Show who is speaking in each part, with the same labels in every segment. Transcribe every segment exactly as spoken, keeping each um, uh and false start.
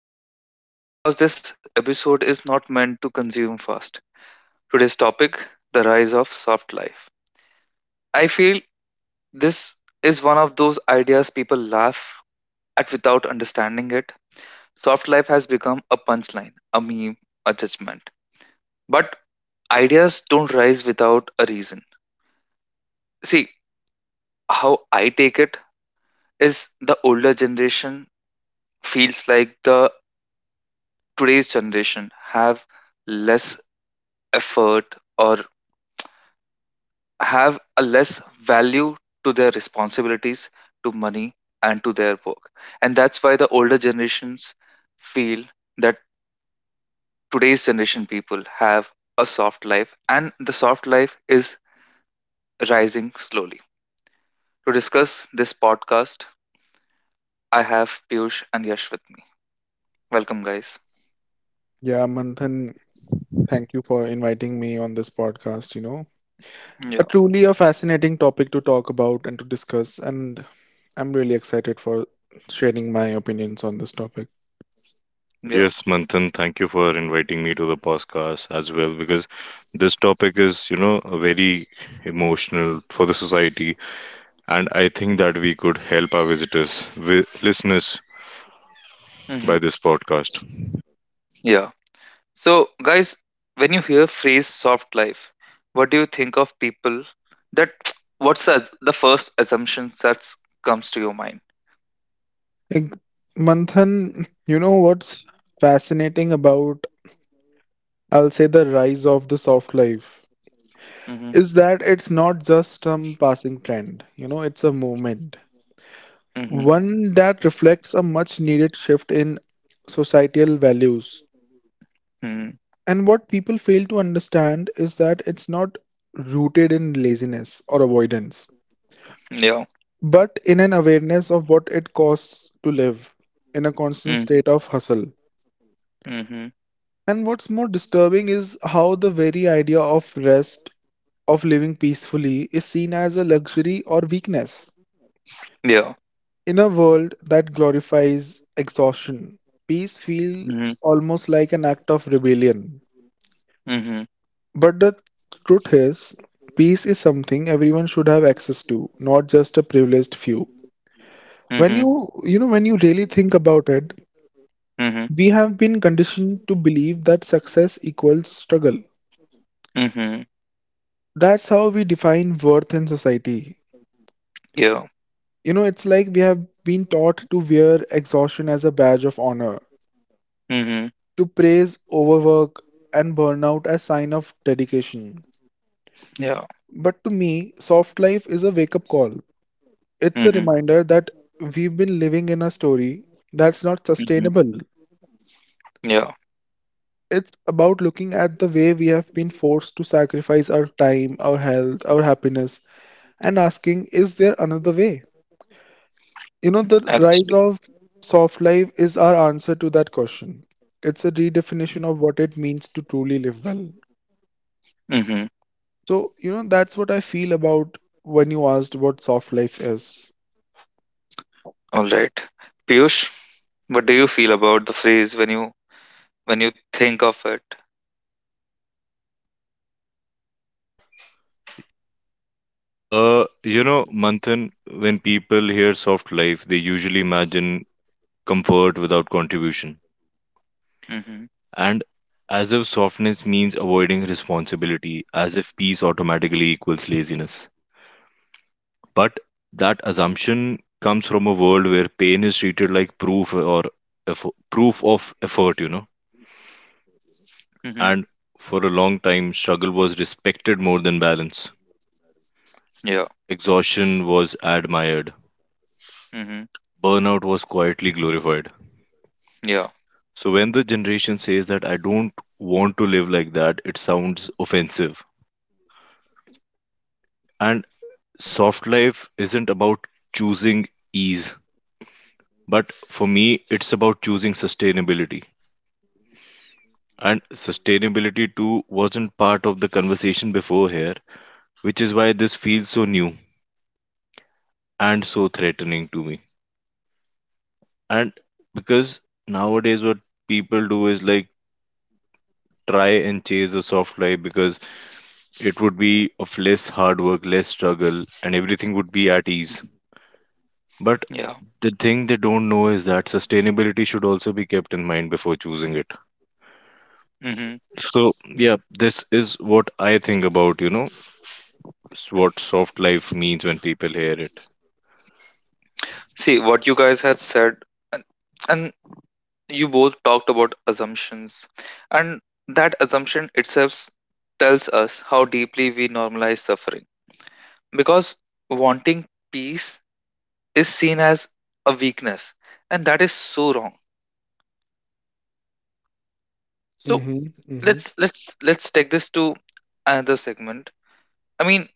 Speaker 1: slow this down because this episode is not meant to consume fast. Today's topic: the rise of soft life. I feel this is one of those ideas people laugh at without understanding it. Soft life has become a punchline, a meme, a judgment. But ideas don't rise without a reason. See, how I take it is the older generation feels like the today's generation have less effort or have a less value to their responsibilities, to money, and to their work. And that's why the older generations feel that today's generation people have a soft life, and the soft life is rising slowly. To discuss this podcast, I have Piyush and Yash with me. Welcome, guys.
Speaker 2: Yeah, Manthan, thank you for inviting me on this podcast, you know. A
Speaker 1: Yeah,
Speaker 2: truly a fascinating topic to talk about and to discuss, and I'm really excited for sharing my opinions on this topic.
Speaker 1: yeah,
Speaker 3: Yes, Manthan, thank you for inviting me to the podcast as well because this topic is, you know, very emotional for the society, and I think that we could help our visitors, wi- listeners,
Speaker 1: hmm,
Speaker 3: by this podcast.
Speaker 1: yeah. So, guys, when you hear phrase soft life, what do you think of people? That What's the, the first assumption that comes to your mind?
Speaker 2: Ig- Manthan, you know what's fascinating about, I'll say, the rise of the soft life
Speaker 1: Mm-hmm,
Speaker 2: is that it's not just some passing trend, you know, it's a movement.
Speaker 1: mm-hmm,
Speaker 2: One that reflects a much needed shift in societal values.
Speaker 1: mm,
Speaker 2: And what people fail to understand is that it's not rooted in laziness or avoidance,
Speaker 1: yeah,
Speaker 2: but in an awareness of what it costs to live in a constant
Speaker 1: mm-hmm,
Speaker 2: state of hustle.
Speaker 1: mm-hmm,
Speaker 2: And what's more disturbing is how the very idea of rest, of living peacefully, is seen as a luxury or weakness.
Speaker 1: yeah,
Speaker 2: In a world that glorifies exhaustion, peace feels
Speaker 1: mm-hmm,
Speaker 2: almost like an act of rebellion.
Speaker 1: mm-hmm,
Speaker 2: But the truth is, peace is something everyone should have access to, not just a privileged few. When
Speaker 1: mm-hmm,
Speaker 2: you, you know, when you really think about it,
Speaker 1: mm-hmm,
Speaker 2: we have been conditioned to believe that success equals struggle.
Speaker 1: mm-hmm,
Speaker 2: That's how we define worth in society.
Speaker 1: yeah,
Speaker 2: You know, it's like we have been taught to wear exhaustion as a badge of honor,
Speaker 1: mm-hmm,
Speaker 2: to praise overwork and burnout as sign of dedication.
Speaker 1: yeah,
Speaker 2: But to me, soft life is a wake-up call. It's a
Speaker 1: mm-hmm,
Speaker 2: reminder that we've been living in a story that's not
Speaker 1: mm-hmm,
Speaker 2: sustainable.
Speaker 1: yeah.
Speaker 2: It's about looking at the way we have been forced to sacrifice our time, our health, our happiness, and asking, is there another way? You know, the rise
Speaker 1: Actually,
Speaker 2: of soft life is our answer to that question. It's a redefinition of what it means to truly live well.
Speaker 1: mm-hmm.
Speaker 2: So, you know, that's what I feel about when you asked what soft life is.
Speaker 1: All right, Piyush, what do you feel about the phrase when you when you think of it?
Speaker 3: Uh, you know, Manthan, when people hear soft life, they usually imagine comfort without contribution,
Speaker 1: Mm-hmm.
Speaker 3: and as if softness means avoiding responsibility, as if peace automatically equals laziness.
Speaker 1: Mhm.
Speaker 3: But that assumption comes from a world where pain is treated like proof or effo- proof of effort, you know.
Speaker 1: Mhm.
Speaker 3: And for a long time, struggle was respected more than balance.
Speaker 1: Yeah.
Speaker 3: Exhaustion was admired.
Speaker 1: Mhm.
Speaker 3: Burnout was quietly glorified.
Speaker 1: Yeah.
Speaker 3: So when the generation says that I don't want to live like that, it sounds offensive.
Speaker 1: Yeah.
Speaker 3: And soft life isn't about choosing ease,
Speaker 1: Yeah.
Speaker 3: but for me, it's about choosing sustainability.
Speaker 1: Yeah.
Speaker 3: And sustainability too wasn't part of the conversation before here, which is why this feels so new and so threatening to me. And because nowadays what people do is like try and chase a soft life because it would be of less hard work, less struggle, and everything would be at ease.
Speaker 1: Yeah.
Speaker 3: But the thing they don't know is that sustainability should also be kept in mind before choosing it.
Speaker 1: Mhm.
Speaker 3: So, yeah, this is what I think about, you know, s- what soft life means when people hear it.
Speaker 1: See what you guys had said, and, and you both talked about assumptions, and that assumption itself tells us how deeply we normalize suffering because wanting peace is seen as a weakness, and that is so wrong. So
Speaker 2: Mm-hmm.
Speaker 1: let's let's let's take this to another segment. I mean,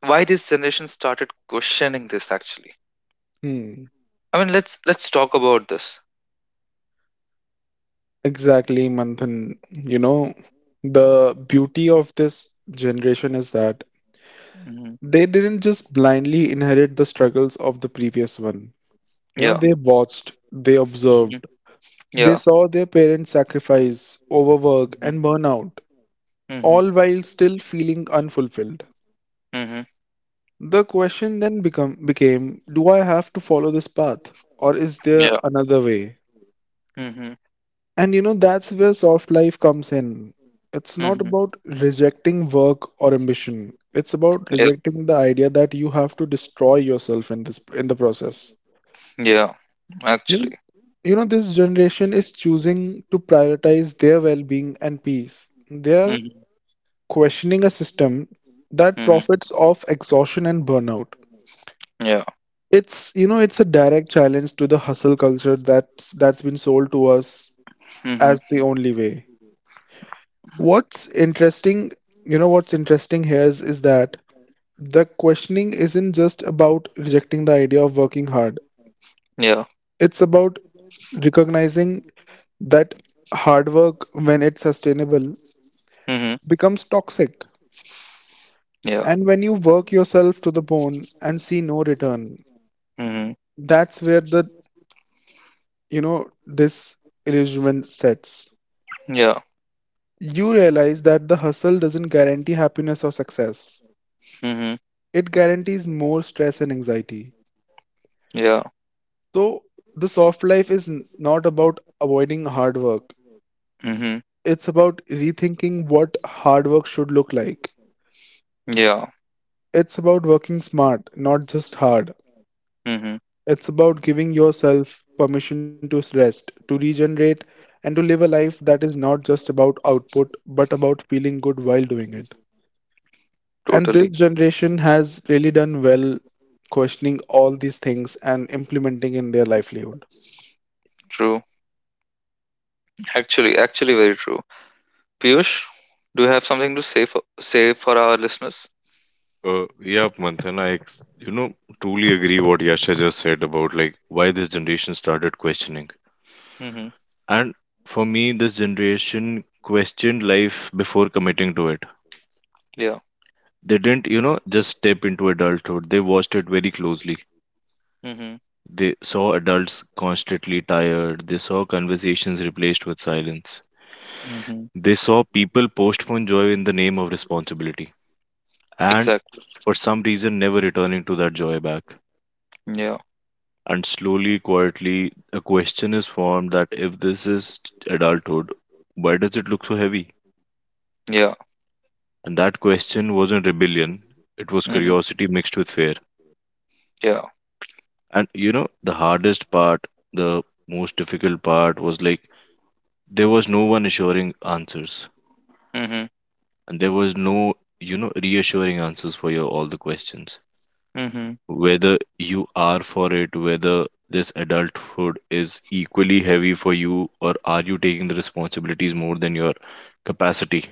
Speaker 1: why this generation started questioning this, actually.
Speaker 2: Mm-hmm.
Speaker 1: I mean, let's let's talk about this.
Speaker 2: Exactly, Manthan. You know, the beauty of this generation is that
Speaker 1: Mm, hmm.
Speaker 2: they didn't just blindly inherit the struggles of the previous one. You know,
Speaker 1: Yeah,
Speaker 2: they watched, they
Speaker 1: hmm,
Speaker 2: observed, they
Speaker 1: yeah.
Speaker 2: saw their parents sacrifice, overwork,
Speaker 1: Hmm,
Speaker 2: and burnout,
Speaker 1: hmm,
Speaker 2: all while still feeling unfulfilled.
Speaker 1: hmm.
Speaker 2: The question then become became, do I have to follow this path, or is there
Speaker 1: Yeah.
Speaker 2: another way?
Speaker 1: Hmm, hmm.
Speaker 2: And you know, that's where soft life comes in. It's not about rejecting work or ambition. It's about
Speaker 1: Yeah.
Speaker 2: rejecting the idea that you have to destroy yourself in this in the process.
Speaker 1: Yeah.
Speaker 2: You know,
Speaker 1: Actually.
Speaker 2: you know, this generation is choosing to prioritize their well-being and peace. They are
Speaker 1: Hmm,
Speaker 2: questioning a system that
Speaker 1: hmm.
Speaker 2: profits off exhaustion and burnout.
Speaker 1: Yeah.
Speaker 2: It's, you know, it's a direct challenge to the hustle culture that's that's been sold to us
Speaker 1: Hmm.
Speaker 2: as the only way. What's interesting, you know, what's interesting here is, is that the questioning isn't just about rejecting the idea of working hard.
Speaker 1: Yeah.
Speaker 2: It's about recognizing that hard work, when it's sustainable,
Speaker 1: Hmm.
Speaker 2: becomes toxic.
Speaker 1: Yeah.
Speaker 2: And when you work yourself to the bone and see no return,
Speaker 1: Hmm.
Speaker 2: that's where the, you know, this illusion sets.
Speaker 1: Yeah.
Speaker 2: You realize that the hustle doesn't guarantee happiness or success.
Speaker 1: Hmm.
Speaker 2: It guarantees more stress and anxiety.
Speaker 1: Yeah.
Speaker 2: So, the soft life is n- not about avoiding hard work.
Speaker 1: Hmm.
Speaker 2: It's about rethinking what hard work should look like.
Speaker 1: Yeah.
Speaker 2: It's about working smart, not just hard.
Speaker 1: hmm
Speaker 2: It's about giving yourself permission to rest, to regenerate, and to live a life that is not just about output, but about feeling good while doing it. And this
Speaker 1: Totally
Speaker 2: generation has really done well questioning all these things and implementing in their livelihood.
Speaker 1: true. Actually, actually, very true. Piyush, do you have something to say for say for our listeners?
Speaker 3: Uh, yeah, Manthan, I ex- you know, truly agree what Yasha just said about like why this generation started questioning.
Speaker 1: Mhm.
Speaker 3: And for me, this generation questioned life before committing to it.
Speaker 1: Yeah.
Speaker 3: They didn't, you know, just step into adulthood. They watched it very closely.
Speaker 1: Mhm.
Speaker 3: They saw adults constantly tired. They saw conversations replaced with silence.
Speaker 1: Mhm.
Speaker 3: They saw people postpone joy in the name of responsibility. And
Speaker 1: Exactly.
Speaker 3: for some reason, never returning to that joy back.
Speaker 1: Yeah.
Speaker 3: And slowly, quietly, a question is formed that if this is adulthood, why does it look so heavy?
Speaker 1: Yeah.
Speaker 3: And that question wasn't rebellion, it was
Speaker 1: Mhm.
Speaker 3: curiosity mixed with fear.
Speaker 1: Yeah.
Speaker 3: And you know, the hardest part, the most difficult part was like there was no one assuring answers,
Speaker 1: Mhm.
Speaker 3: and there was no, you know, reassuring answers for your all the questions.
Speaker 1: Mhm.
Speaker 3: Whether you are for it, whether this adulthood is equally heavy for you, or are you taking the responsibilities more than your capacity?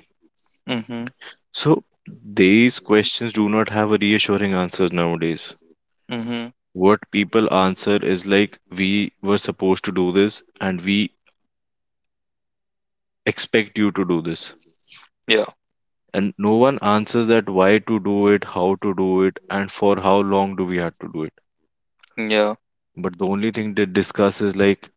Speaker 1: Mhm.
Speaker 3: So, these questions do not have a reassuring answers nowadays.
Speaker 1: Mhm.
Speaker 3: What people answer is like, we were supposed to do this and we expect you to do this.
Speaker 1: Yeah.
Speaker 3: And no one answers that why to do it, how to do it, and for how long do we have to do it.
Speaker 1: Yeah.
Speaker 3: But the only thing they discuss is like,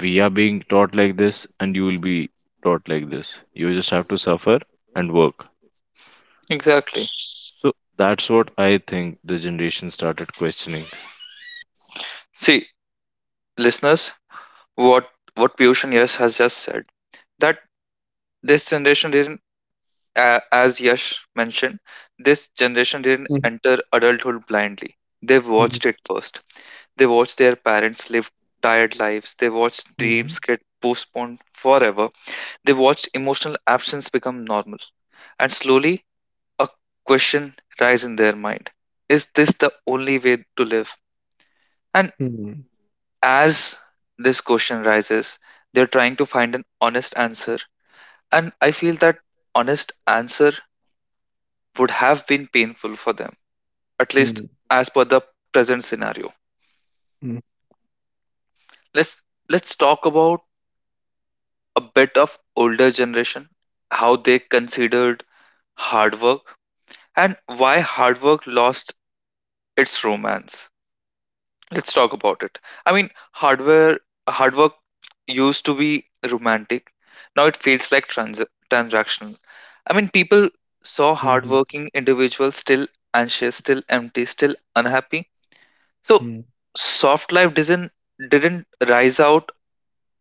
Speaker 3: we are being taught like this, and you will be taught like this. You just have to suffer and work.
Speaker 1: Exactly.
Speaker 3: So that's what I think the generation started questioning.
Speaker 1: See, listeners, what what Piyush and Yash has just said, that this generation didn't, a as Yash mentioned, this generation didn't
Speaker 2: Mhm,
Speaker 1: enter adulthood blindly. They
Speaker 2: mhm,
Speaker 1: watched it first. They watched their parents live tired lives. They watched
Speaker 2: mhm,
Speaker 1: dreams get postponed forever. They watched emotional absence become normal, and slowly a question rise in their mind. Is this the only way to live? And
Speaker 2: mhm,
Speaker 1: as this question rises, they're trying to find an honest answer. And I feel that honest answer would have been painful for them, at least
Speaker 2: mhm,
Speaker 1: as per the present scenario. Let's let's talk about a bit of older generation, how they considered hard work and why hard work lost its romance. Let's talk about it. I mean, hardware hard work used to be romantic. Now it feels like trans- transactional. I mean, people saw
Speaker 2: mhm,
Speaker 1: hardworking individuals still anxious, still empty, still unhappy. So
Speaker 2: mhm,
Speaker 1: soft life didn't didn't rise out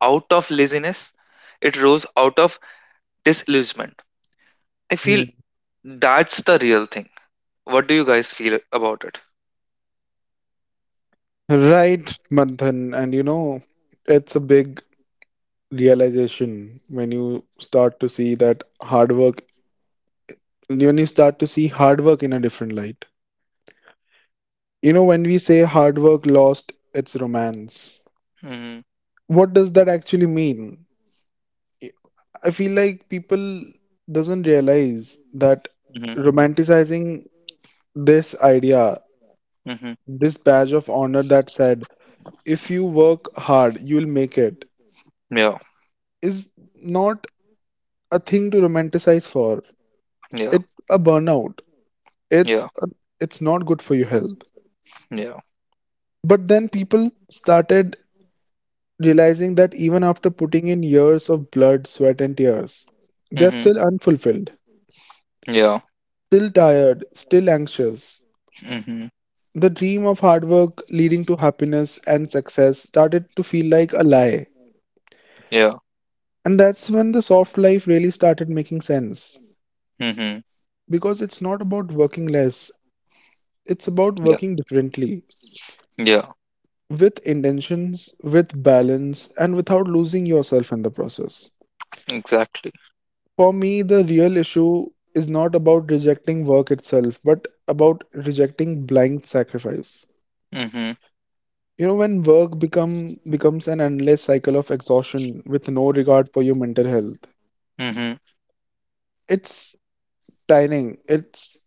Speaker 1: out of laziness. It rose out of disillusionment. I feel
Speaker 2: mhm.
Speaker 1: that's the real thing. What do you guys feel about it?
Speaker 2: Right, Manthan. And you know, it's a big realization when you start to see that hard work, when you start to see hard work in a different light. You know, when we say hard work lost its romance,
Speaker 1: Mm-hmm,
Speaker 2: what does that actually mean? I feel like people doesn't realize that
Speaker 1: mm-hmm,
Speaker 2: romanticizing this idea,
Speaker 1: mm-hmm.
Speaker 2: this badge of honor that said, if you work hard, you'll make it,
Speaker 1: Yeah,
Speaker 2: is not a thing to romanticize for.
Speaker 1: yeah,
Speaker 2: It's a burnout,
Speaker 1: yeah,
Speaker 2: it's it's not good for your health.
Speaker 1: yeah.
Speaker 2: But then people started realizing that even after putting in years of blood sweat and tears, they're
Speaker 1: Mm-hmm.
Speaker 2: still unfulfilled,
Speaker 1: Yeah.
Speaker 2: still tired, still anxious.
Speaker 1: Mhm.
Speaker 2: The dream of hard work leading to happiness and success started to feel like a lie,
Speaker 1: Yeah.
Speaker 2: and that's when the soft life really started making sense,
Speaker 1: Mhm.
Speaker 2: because it's not about working less, it's about
Speaker 1: Yeah.
Speaker 2: working differently,
Speaker 1: Yeah.
Speaker 2: with intentions, with balance, and without losing yourself in the process.
Speaker 1: Exactly.
Speaker 2: For me, the real issue is not about rejecting work itself, but about rejecting blind sacrifice.
Speaker 1: Mhm.
Speaker 2: You know, when work become becomes an endless cycle of exhaustion with no regard for your mental health,
Speaker 1: Mhm.
Speaker 2: it's tiring, it's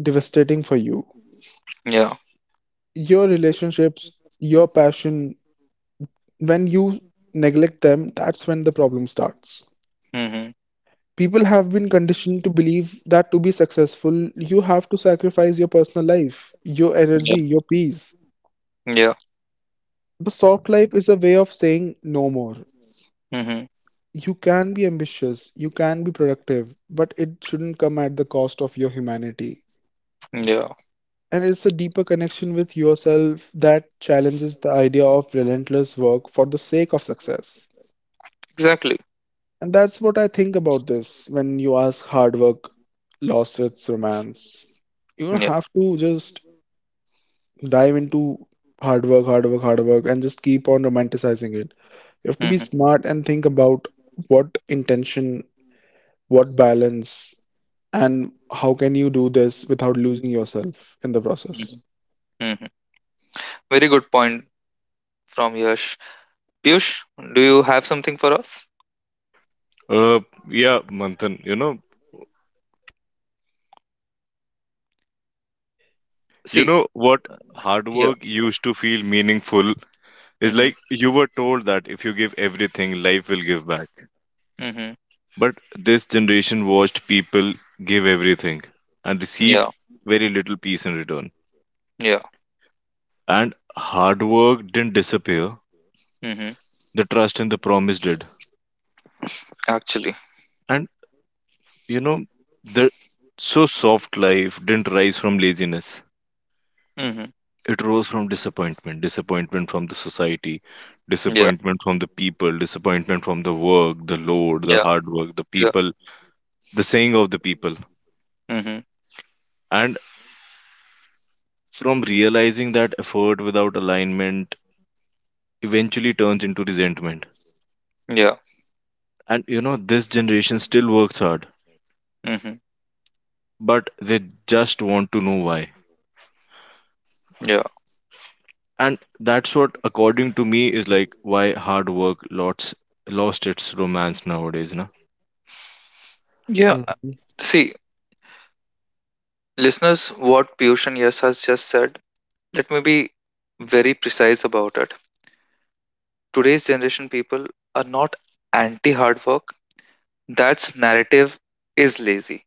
Speaker 2: devastating for you.
Speaker 1: Yeah.
Speaker 2: Your relationships, your passion, when you neglect them, that's when the problem starts.
Speaker 1: Mhm.
Speaker 2: People have been conditioned to believe that to be successful, you have to sacrifice your personal life, your
Speaker 1: Yeah.
Speaker 2: energy, your peace.
Speaker 1: Yeah.
Speaker 2: The soft life is a way of saying no more.
Speaker 1: Mhm.
Speaker 2: You can be ambitious, you can be productive, but it shouldn't come at the cost of your humanity.
Speaker 1: Yeah.
Speaker 2: And it's a deeper connection with yourself that challenges the idea of relentless work for the sake of success.
Speaker 1: Exactly.
Speaker 2: And that's what I think about this when you ask hard work lost its romance. You don't
Speaker 1: Yeah.
Speaker 2: have to just dive into hard work, hard work, hard work, and just keep on romanticizing it. You have to be
Speaker 1: Mhm.
Speaker 2: smart and think about what intention, what balance, and how can you do this without losing yourself in the process.
Speaker 1: Mhm. Mhm. Very good point from Yash. Piyush, do you have something for us?
Speaker 3: Uh, yeah, Manthan, you know, you
Speaker 1: See.
Speaker 3: know what hard
Speaker 1: Yeah.
Speaker 3: work used to feel meaningful is
Speaker 1: Mhm.
Speaker 3: like you were told that if you give everything, life will give back.
Speaker 1: Mhm.
Speaker 3: But this generation watched people give everything and
Speaker 1: Yeah.
Speaker 3: receive very little peace in return.
Speaker 1: Yeah.
Speaker 3: And hard work didn't disappear.
Speaker 1: Mhm.
Speaker 3: The trust in the promise did.
Speaker 1: Actually.
Speaker 3: And you know, the so soft life didn't rise from laziness.
Speaker 1: Mhm.
Speaker 3: It rose from disappointment, disappointment from the society,
Speaker 1: Yeah.
Speaker 3: disappointment from the people, disappointment from the work, the load, the
Speaker 1: Yeah.
Speaker 3: hard work, the
Speaker 1: Yeah.
Speaker 3: people, the saying of the people.
Speaker 1: Mhm.
Speaker 3: And from realizing that effort without alignment eventually turns into resentment.
Speaker 1: Yeah.
Speaker 3: And you know, this generation still works hard,
Speaker 1: Mhm.
Speaker 3: but they just want to know why,
Speaker 1: Yeah.
Speaker 3: and that's what according to me is like why hard work lost lost its romance nowadays na.
Speaker 1: Yeah.
Speaker 2: Hmm
Speaker 1: See, listeners, what Piyush and Yas has just said, let me be very precise about it. Today's generation people are not anti hard work. That's narrative is lazy.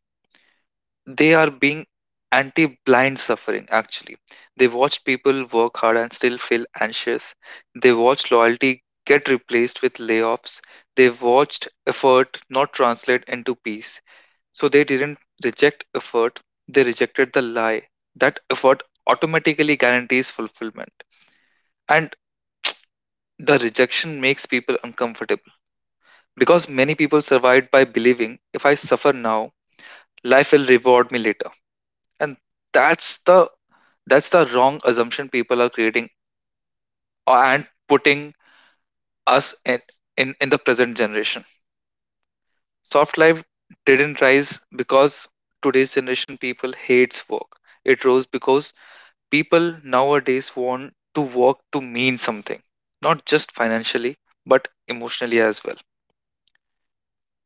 Speaker 1: They are being anti blind suffering, actually. They watch people work hard and still feel anxious. They watch loyalty get replaced with layoffs. They've watched effort not translate into peace. So they didn't reject effort, they rejected the lie that effort automatically guarantees fulfillment. And the rejection makes people uncomfortable because many people survived by believing if I suffer now, life will reward me later. And that's the that's the wrong assumption people are creating, uh, and putting us in in, in the present generation. Soft life didn't rise because today's generation people hates work. It rose because people nowadays want to work to mean something, not just financially but emotionally as well.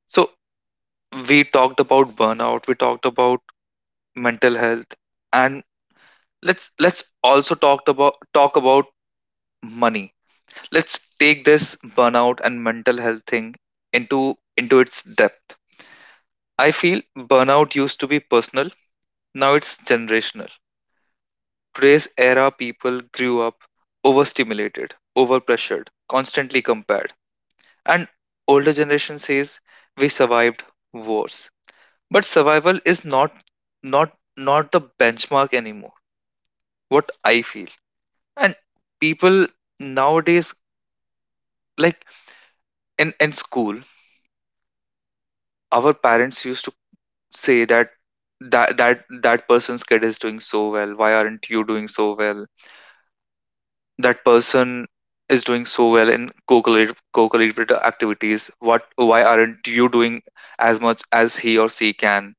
Speaker 1: So we talked about burnout, we talked about mental health, and let's let's also talk about talk about money. Let's take this burnout and mental health thing into into its depth. I feel burnout used to be personal, now it's generational. Today's era people grew up overstimulated, overpressured, constantly compared. And older generation says we survived wars, but survival is not not not the benchmark anymore, what I feel. And people nowadays, like, in in school our parents used to say that that that that person's kid is doing so well, why aren't you doing so well, that person is doing so well in co-curricular co-curricular activities, what why aren't you doing as much as he or she can.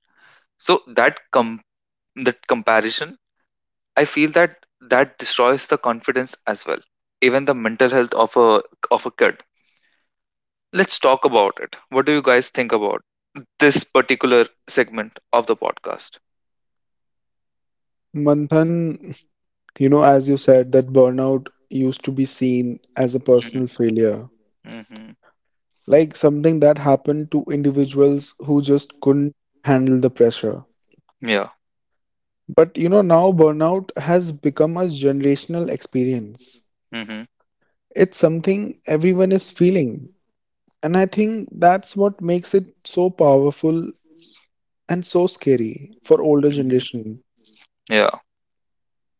Speaker 1: So that com that comparison, I feel that that destroys the confidence as well, even the mental health of a of a kid. Let's talk about it. What do you guys think about this particular segment of the podcast?
Speaker 2: Manthan, you know, as you said, that burnout used to be seen as a personal failure, like something that happened to individuals who just couldn't handle the pressure. But you know, now burnout has become a generational experience.
Speaker 1: Mhm,
Speaker 2: It's something everyone is feeling. And I think that's what makes it so powerful and so scary for older
Speaker 1: mhm.
Speaker 2: generation.
Speaker 1: Yeah.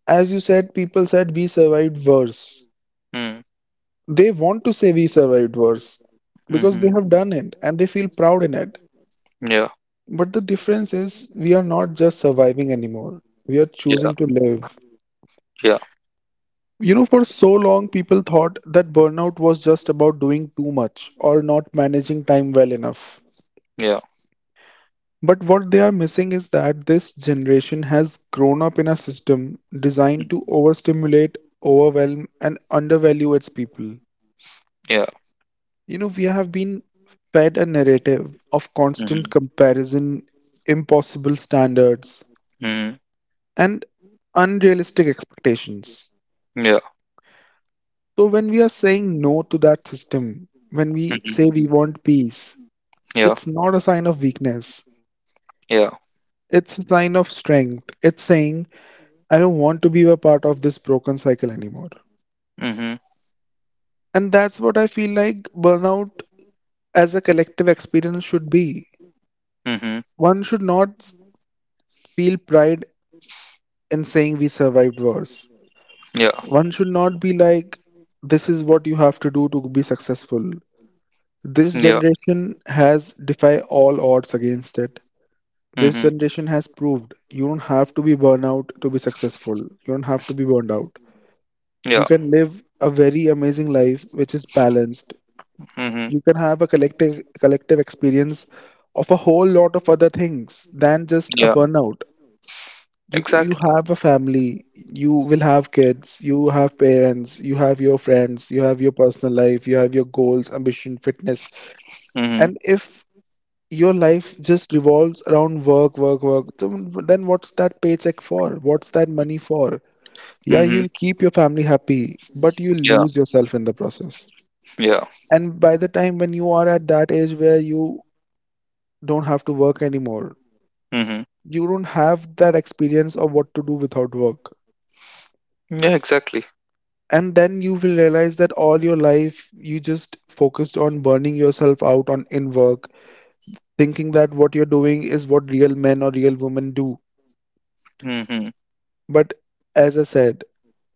Speaker 2: As you said, people said we survived worse.
Speaker 1: Mm,
Speaker 2: They want to say we survived worse because they
Speaker 1: mhm.
Speaker 2: have done it and they feel proud in it. But the difference is we are not just surviving anymore. We are
Speaker 1: Yeah,
Speaker 2: choosing to live.
Speaker 1: yeah,
Speaker 2: You know, for so long, people thought that burnout was just about doing too much or not managing time well enough.
Speaker 1: yeah,
Speaker 2: But what they are missing is that this generation has grown up in a system designed
Speaker 1: mm,
Speaker 2: to overstimulate, overwhelm, and undervalue its people.
Speaker 1: yeah.
Speaker 2: You know, we have been fed a narrative of constant
Speaker 1: Mhm,
Speaker 2: comparison, impossible standards,
Speaker 1: mhm.
Speaker 2: and unrealistic expectations.
Speaker 1: Yeah,
Speaker 2: So, when we are saying no to that system, when we say
Speaker 1: mhm.
Speaker 2: we want peace,
Speaker 1: Yeah,
Speaker 2: it's not a sign of weakness,
Speaker 1: yeah.
Speaker 2: it's a sign of strength. It's saying I don't want to be a part of this broken cycle anymore.
Speaker 1: Mhm,
Speaker 2: And that's what I feel like burnout as a collective experience should be.
Speaker 1: mhm.
Speaker 2: One should not feel pride in saying we survived worse.
Speaker 1: Yeah,
Speaker 2: One should not be like, this is what you have to do to be successful. This
Speaker 1: yeah.
Speaker 2: generation has defy all odds against it. This
Speaker 1: Mm-hmm.
Speaker 2: generation has proved you don't have to be burnout to be successful. You don't have to be burned out.
Speaker 1: Yeah.
Speaker 2: You can live a very amazing life which is balanced,
Speaker 1: Mm-hmm.
Speaker 2: you can have a collective collective experience of a whole lot of other things than just a
Speaker 1: Yeah.
Speaker 2: burnout. You you
Speaker 1: Exactly.
Speaker 2: have a family, you will have kids, you have parents, you have your friends, you have your personal life, you have your goals, ambition, fitness.
Speaker 1: Mm-hmm.
Speaker 2: And if your life just revolves around work, work, work, so then what's that paycheck for? What's that money for? Yeah,
Speaker 1: Mm-hmm.
Speaker 2: you'll keep your family happy, but you'll
Speaker 1: Yeah.
Speaker 2: lose yourself in the process.
Speaker 1: Yeah.
Speaker 2: And by the time when you are at that age where you don't have to work anymore.
Speaker 1: Mm-hmm.
Speaker 2: You don't have that experience of what to do without work.
Speaker 1: Yeah. Exactly.
Speaker 2: And then you will realize that all your life you just focused on burning yourself out on in work, thinking that what you're doing is what real men or real women do.
Speaker 1: Mm-hmm.
Speaker 2: But as I said,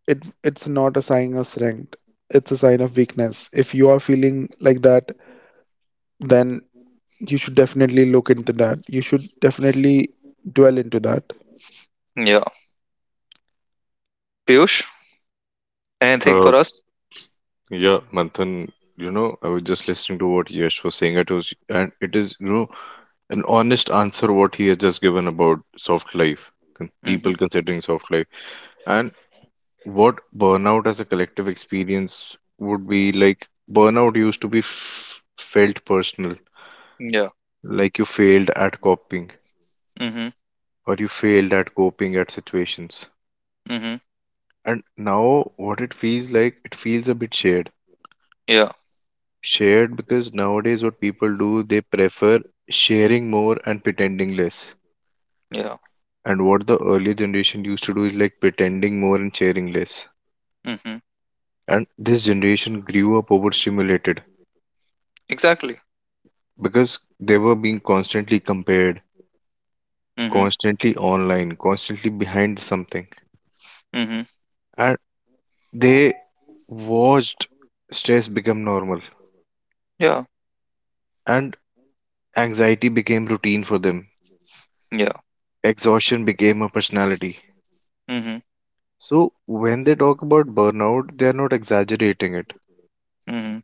Speaker 2: it it's not a sign of strength. It's a sign of weakness. If you are feeling like that, then you should definitely look into that. You should definitely dwell into that.
Speaker 1: Yeah. Piyush, anything
Speaker 3: Uh,
Speaker 1: for us?
Speaker 3: yeah, Manthan, you know, I was just listening to what Yash was saying. It was, and it is, you know, an honest answer what he has just given about soft life, con-
Speaker 1: Mm-hmm.
Speaker 3: people considering soft life, and what burnout as a collective experience would be like. Burnout used to be f felt personal,
Speaker 1: Yeah.
Speaker 3: like you failed at coping,
Speaker 1: Mm-hmm.
Speaker 3: or you failed at coping at situations.
Speaker 1: Mm-hmm.
Speaker 3: And now what it feels like, it feels a bit shared.
Speaker 1: Yeah.
Speaker 3: Shared because nowadays what people do, they prefer sharing more and pretending less.
Speaker 1: Yeah.
Speaker 3: And what the earlier generation used to do is like pretending more and sharing less.
Speaker 1: Mm-hmm.
Speaker 3: And this generation grew up overstimulated
Speaker 1: Exactly.
Speaker 3: because they were being constantly compared,
Speaker 1: Mm-hmm.
Speaker 3: constantly online, constantly behind something.
Speaker 1: Mm-hmm.
Speaker 3: And they watched stress become normal
Speaker 1: Yeah.
Speaker 3: and anxiety became routine for them.
Speaker 1: Yeah.
Speaker 3: Exhaustion became a personality.
Speaker 1: Mm-hmm.
Speaker 3: So when they talk about burnout, they are not exaggerating it.
Speaker 1: Mm-hmm.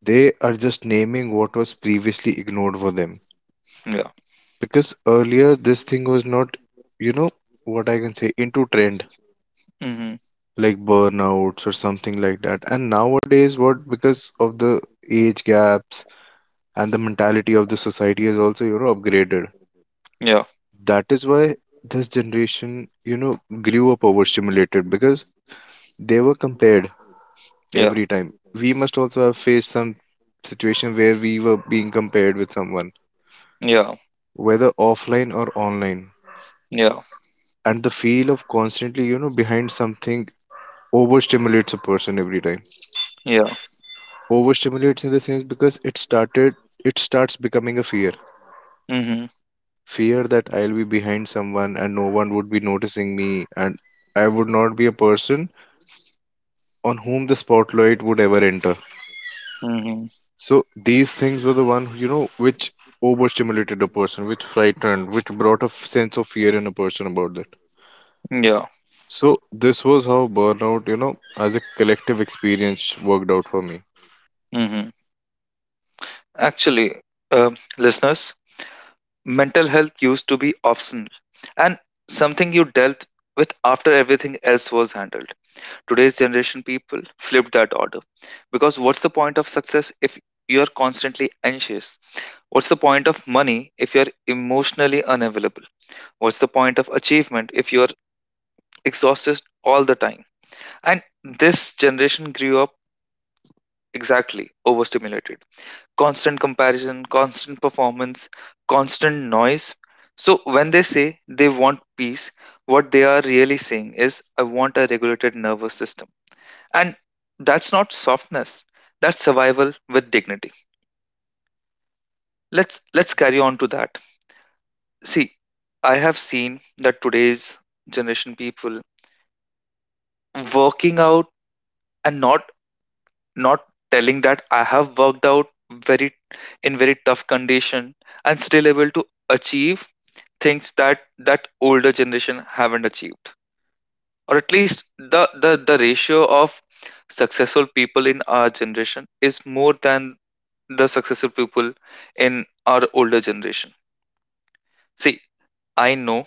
Speaker 3: They are just naming what was previously ignored for them.
Speaker 1: Yeah.
Speaker 3: Because earlier this thing was not, you know, what I can say, into trend,
Speaker 1: Mm-hmm.
Speaker 3: like burnouts or something like that. And nowadays, what because of the age gaps and the mentality of the society is also, you know, upgraded.
Speaker 1: Yeah.
Speaker 3: That is why this generation, you know, grew up overstimulated because they were compared every
Speaker 1: Yeah.
Speaker 3: time. We must also have faced some situation where we were being compared with someone,
Speaker 1: Yeah,
Speaker 3: whether offline or online.
Speaker 1: yeah,
Speaker 3: And the feel of constantly, you know, behind something overstimulates a person every time.
Speaker 1: yeah.
Speaker 3: Overstimulates in the sense because it started, it starts becoming a fear.
Speaker 1: Mm-hmm,
Speaker 3: Fear that I'll be behind someone and no one would be noticing me and I would not be a person on whom the spotlight would ever enter.
Speaker 1: mm-hmm,
Speaker 3: So these things were the one, you know, which overstimulated a person, which frightened, which brought a f- sense of fear in a person about that.
Speaker 1: yeah,
Speaker 3: So this was how burnout, you know, as a collective experience worked out for me.
Speaker 1: mm-hmm. Actually, uh, listeners, mental health used to be optional, and something you dealt with after everything else was handled. Today's generation people flipped that order, because what's the point of success if you're constantly anxious? What's the point of money if you're emotionally unavailable? What's the point of achievement if you're exhausted all the time? And this generation grew up exactly overstimulated. Constant comparison, constant performance, constant noise. So when they say they want peace, what they are really saying is, I want a regulated nervous system. And that's not softness. That's survival with dignity. Let's let's carry on to that. See, I have seen that today's generation people working out, and not not telling that I have worked out very in very tough condition and still able to achieve things that that older generation haven't achieved, or at least the the the ratio of successful people in our generation is more than the successful people in our older generation. See, I know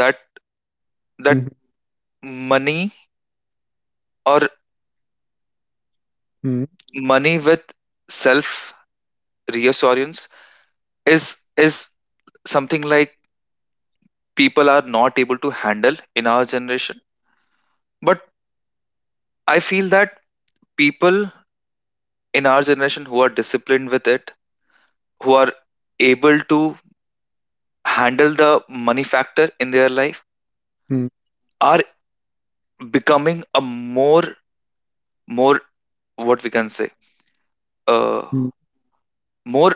Speaker 1: that that
Speaker 2: Hmm
Speaker 1: money or
Speaker 2: hmm
Speaker 1: money with self reassurance is is something like people are not able to handle in our generation. But I feel that people in our generation who are disciplined with it, who are able to handle the money factor in their life,
Speaker 2: hmm
Speaker 1: are becoming a more, more what we can say, uh, more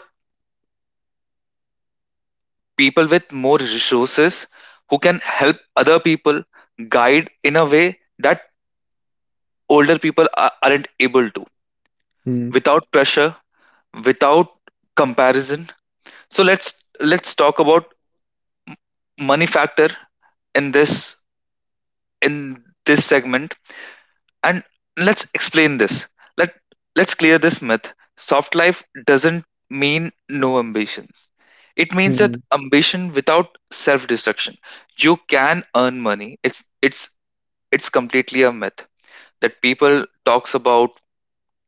Speaker 1: people with more resources, who can help other people, guide in a way that older people are, aren't able to,
Speaker 2: hmm
Speaker 1: without pressure, without comparison. So let's let's talk about money factor in this in this segment. And let's explain this. Let let's clear this myth. Soft life doesn't mean no ambition, it means
Speaker 2: hmm
Speaker 1: that ambition without self destruction. You can earn money. It's it's it's completely a myth that people talks about,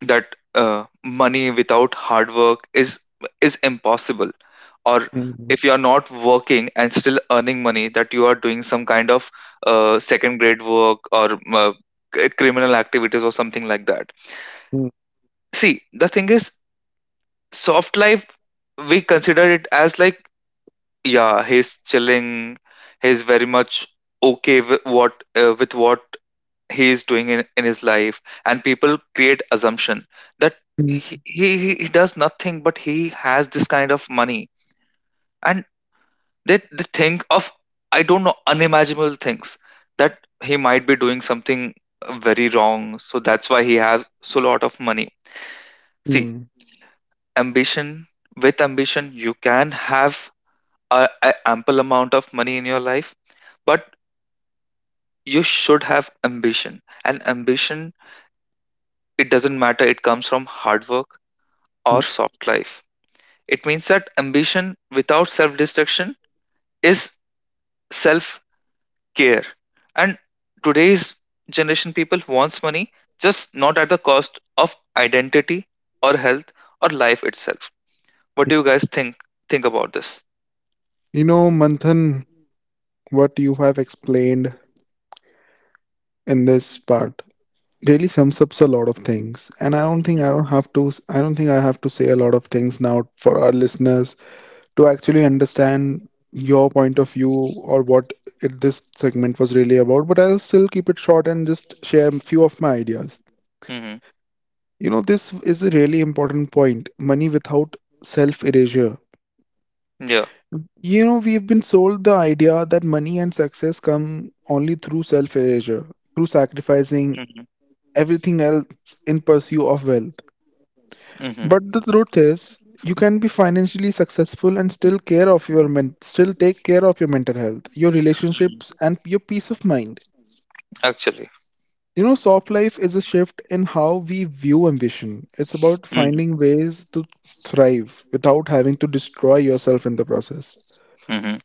Speaker 1: that uh, money without hard work is is impossible, or
Speaker 2: Mhm,
Speaker 1: if you are not working and still earning money, that you are doing some kind of uh, second grade work, or uh, c- criminal activities or something like that.
Speaker 2: mm,
Speaker 1: See, the thing is, soft life we consider it as like, yeah, he's chilling, he's very much okay with what uh, with what he is doing in, in his life, and people create assumption that
Speaker 2: mm,
Speaker 1: he, he he he does nothing but he has this kind of money, and they, they think of, I don't know, unimaginable things, that he might be doing something uh, very wrong, so that's why he has so lot of money.
Speaker 2: mm,
Speaker 1: See,
Speaker 2: mm,
Speaker 1: ambition with ambition you can have a, a ample amount of money in your life. But you should have ambition, and ambition, it doesn't matter, it comes from hard work
Speaker 2: mm.
Speaker 1: or soft life. It means that ambition without self destruction is self care. And today's generation people wants money, just not at the cost of identity or health or life itself. What do you guys think think about this?
Speaker 2: You know, Manthan, what you have explained in this part really sums up a lot of things, and I don't think
Speaker 1: Mhm,
Speaker 2: I don't have to. s- I don't think I have to say a lot of things now for our listeners to actually understand your point of view or what it, this segment was really about. But I'll still keep it short and just share a few of my ideas.
Speaker 1: hmm.
Speaker 2: You know, this is a really important point. Money without self erasure.
Speaker 1: Yeah.
Speaker 2: You know, we've been sold the idea that money and success come only through self-erasure, through
Speaker 1: Mhm,
Speaker 2: sacrificing everything else in pursuit of wealth.
Speaker 1: hmm,
Speaker 2: But the truth is, you can be financially successful and still care of your men- still take care of your mental health, your relationships,
Speaker 1: mhm.
Speaker 2: and your peace of mind.
Speaker 1: Actually.
Speaker 2: You know, soft life is a shift in how we view ambition. It's about
Speaker 1: Mhm,
Speaker 2: finding ways to thrive without having to destroy yourself in the process.
Speaker 1: hmm.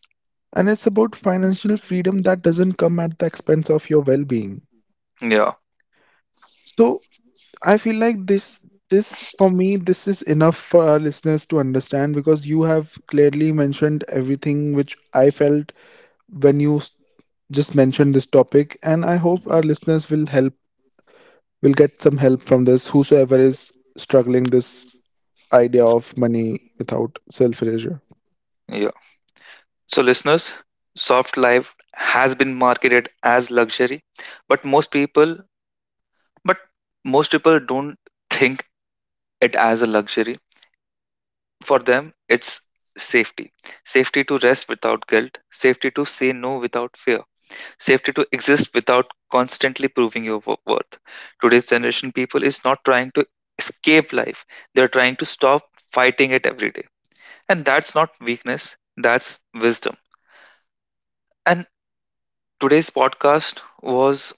Speaker 2: And it's about financial freedom that doesn't come at the expense of your well-being.
Speaker 1: Yeah.
Speaker 2: So I feel like this this for me this is enough for our listeners to understand because you have clearly mentioned everything which I felt when you s- just mentioned this topic and I hope
Speaker 1: Mhm.
Speaker 2: our listeners will help will get some help from this whosoever is struggling this idea of money without self-erasure.
Speaker 1: Yeah. So, listeners, soft life has been marketed as luxury, but most people But most people don't think it as a luxury. For them, it's safety. Safety to rest without guilt, safety to say no without fear, safety to exist without constantly proving your wo- worth. Today's generation people is not trying to escape life. They're trying to stop fighting it every day. And that's not weakness, that's wisdom. And today's podcast was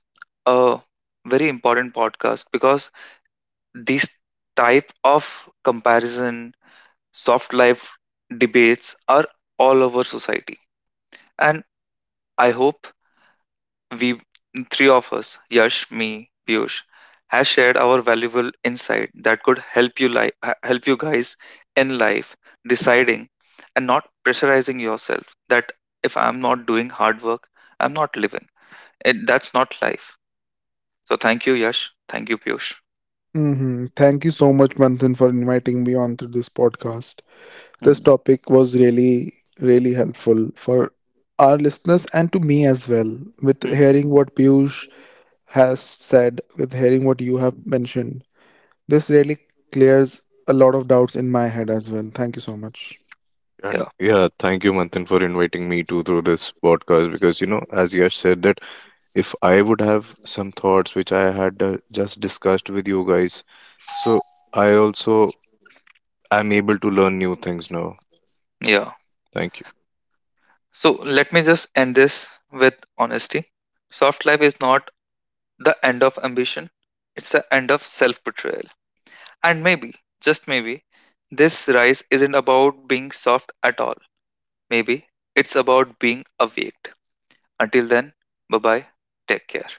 Speaker 1: a very important podcast, because these type of comparison, soft life debates are all over society. And I hope we three of us, Yash, me, Piyush, has shared our valuable insight that could help you, li- h- help you guys in life, deciding and not pressurizing yourself that if I'm not doing hard work, I'm not living. It, that's not life. So thank you, Yash. Thank you, Piyush.
Speaker 2: Hmm thank you so much, Manthan, for inviting me onto this podcast. This
Speaker 1: Mhm.
Speaker 2: topic was really, really helpful for our listeners and to me as well, with
Speaker 1: Mhm.
Speaker 2: hearing what Piyush has said, with hearing what you have mentioned. This really clears a lot of doubts in my head as well. Thank you so much.
Speaker 1: Yeah.
Speaker 3: And yeah, thank you, Manthan, for inviting me to through this podcast because, you know, as you have said that if I would have some thoughts which I had uh, just discussed with you guys, so I also am able to learn new things now.
Speaker 1: Yeah.
Speaker 3: Thank you.
Speaker 1: So let me just end this with honesty. Soft life is not the end of ambition, it's the end of self betrayal. And maybe, just maybe, this rise isn't about being soft at all. Maybe it's about being awaked. Until then, bye bye, take care.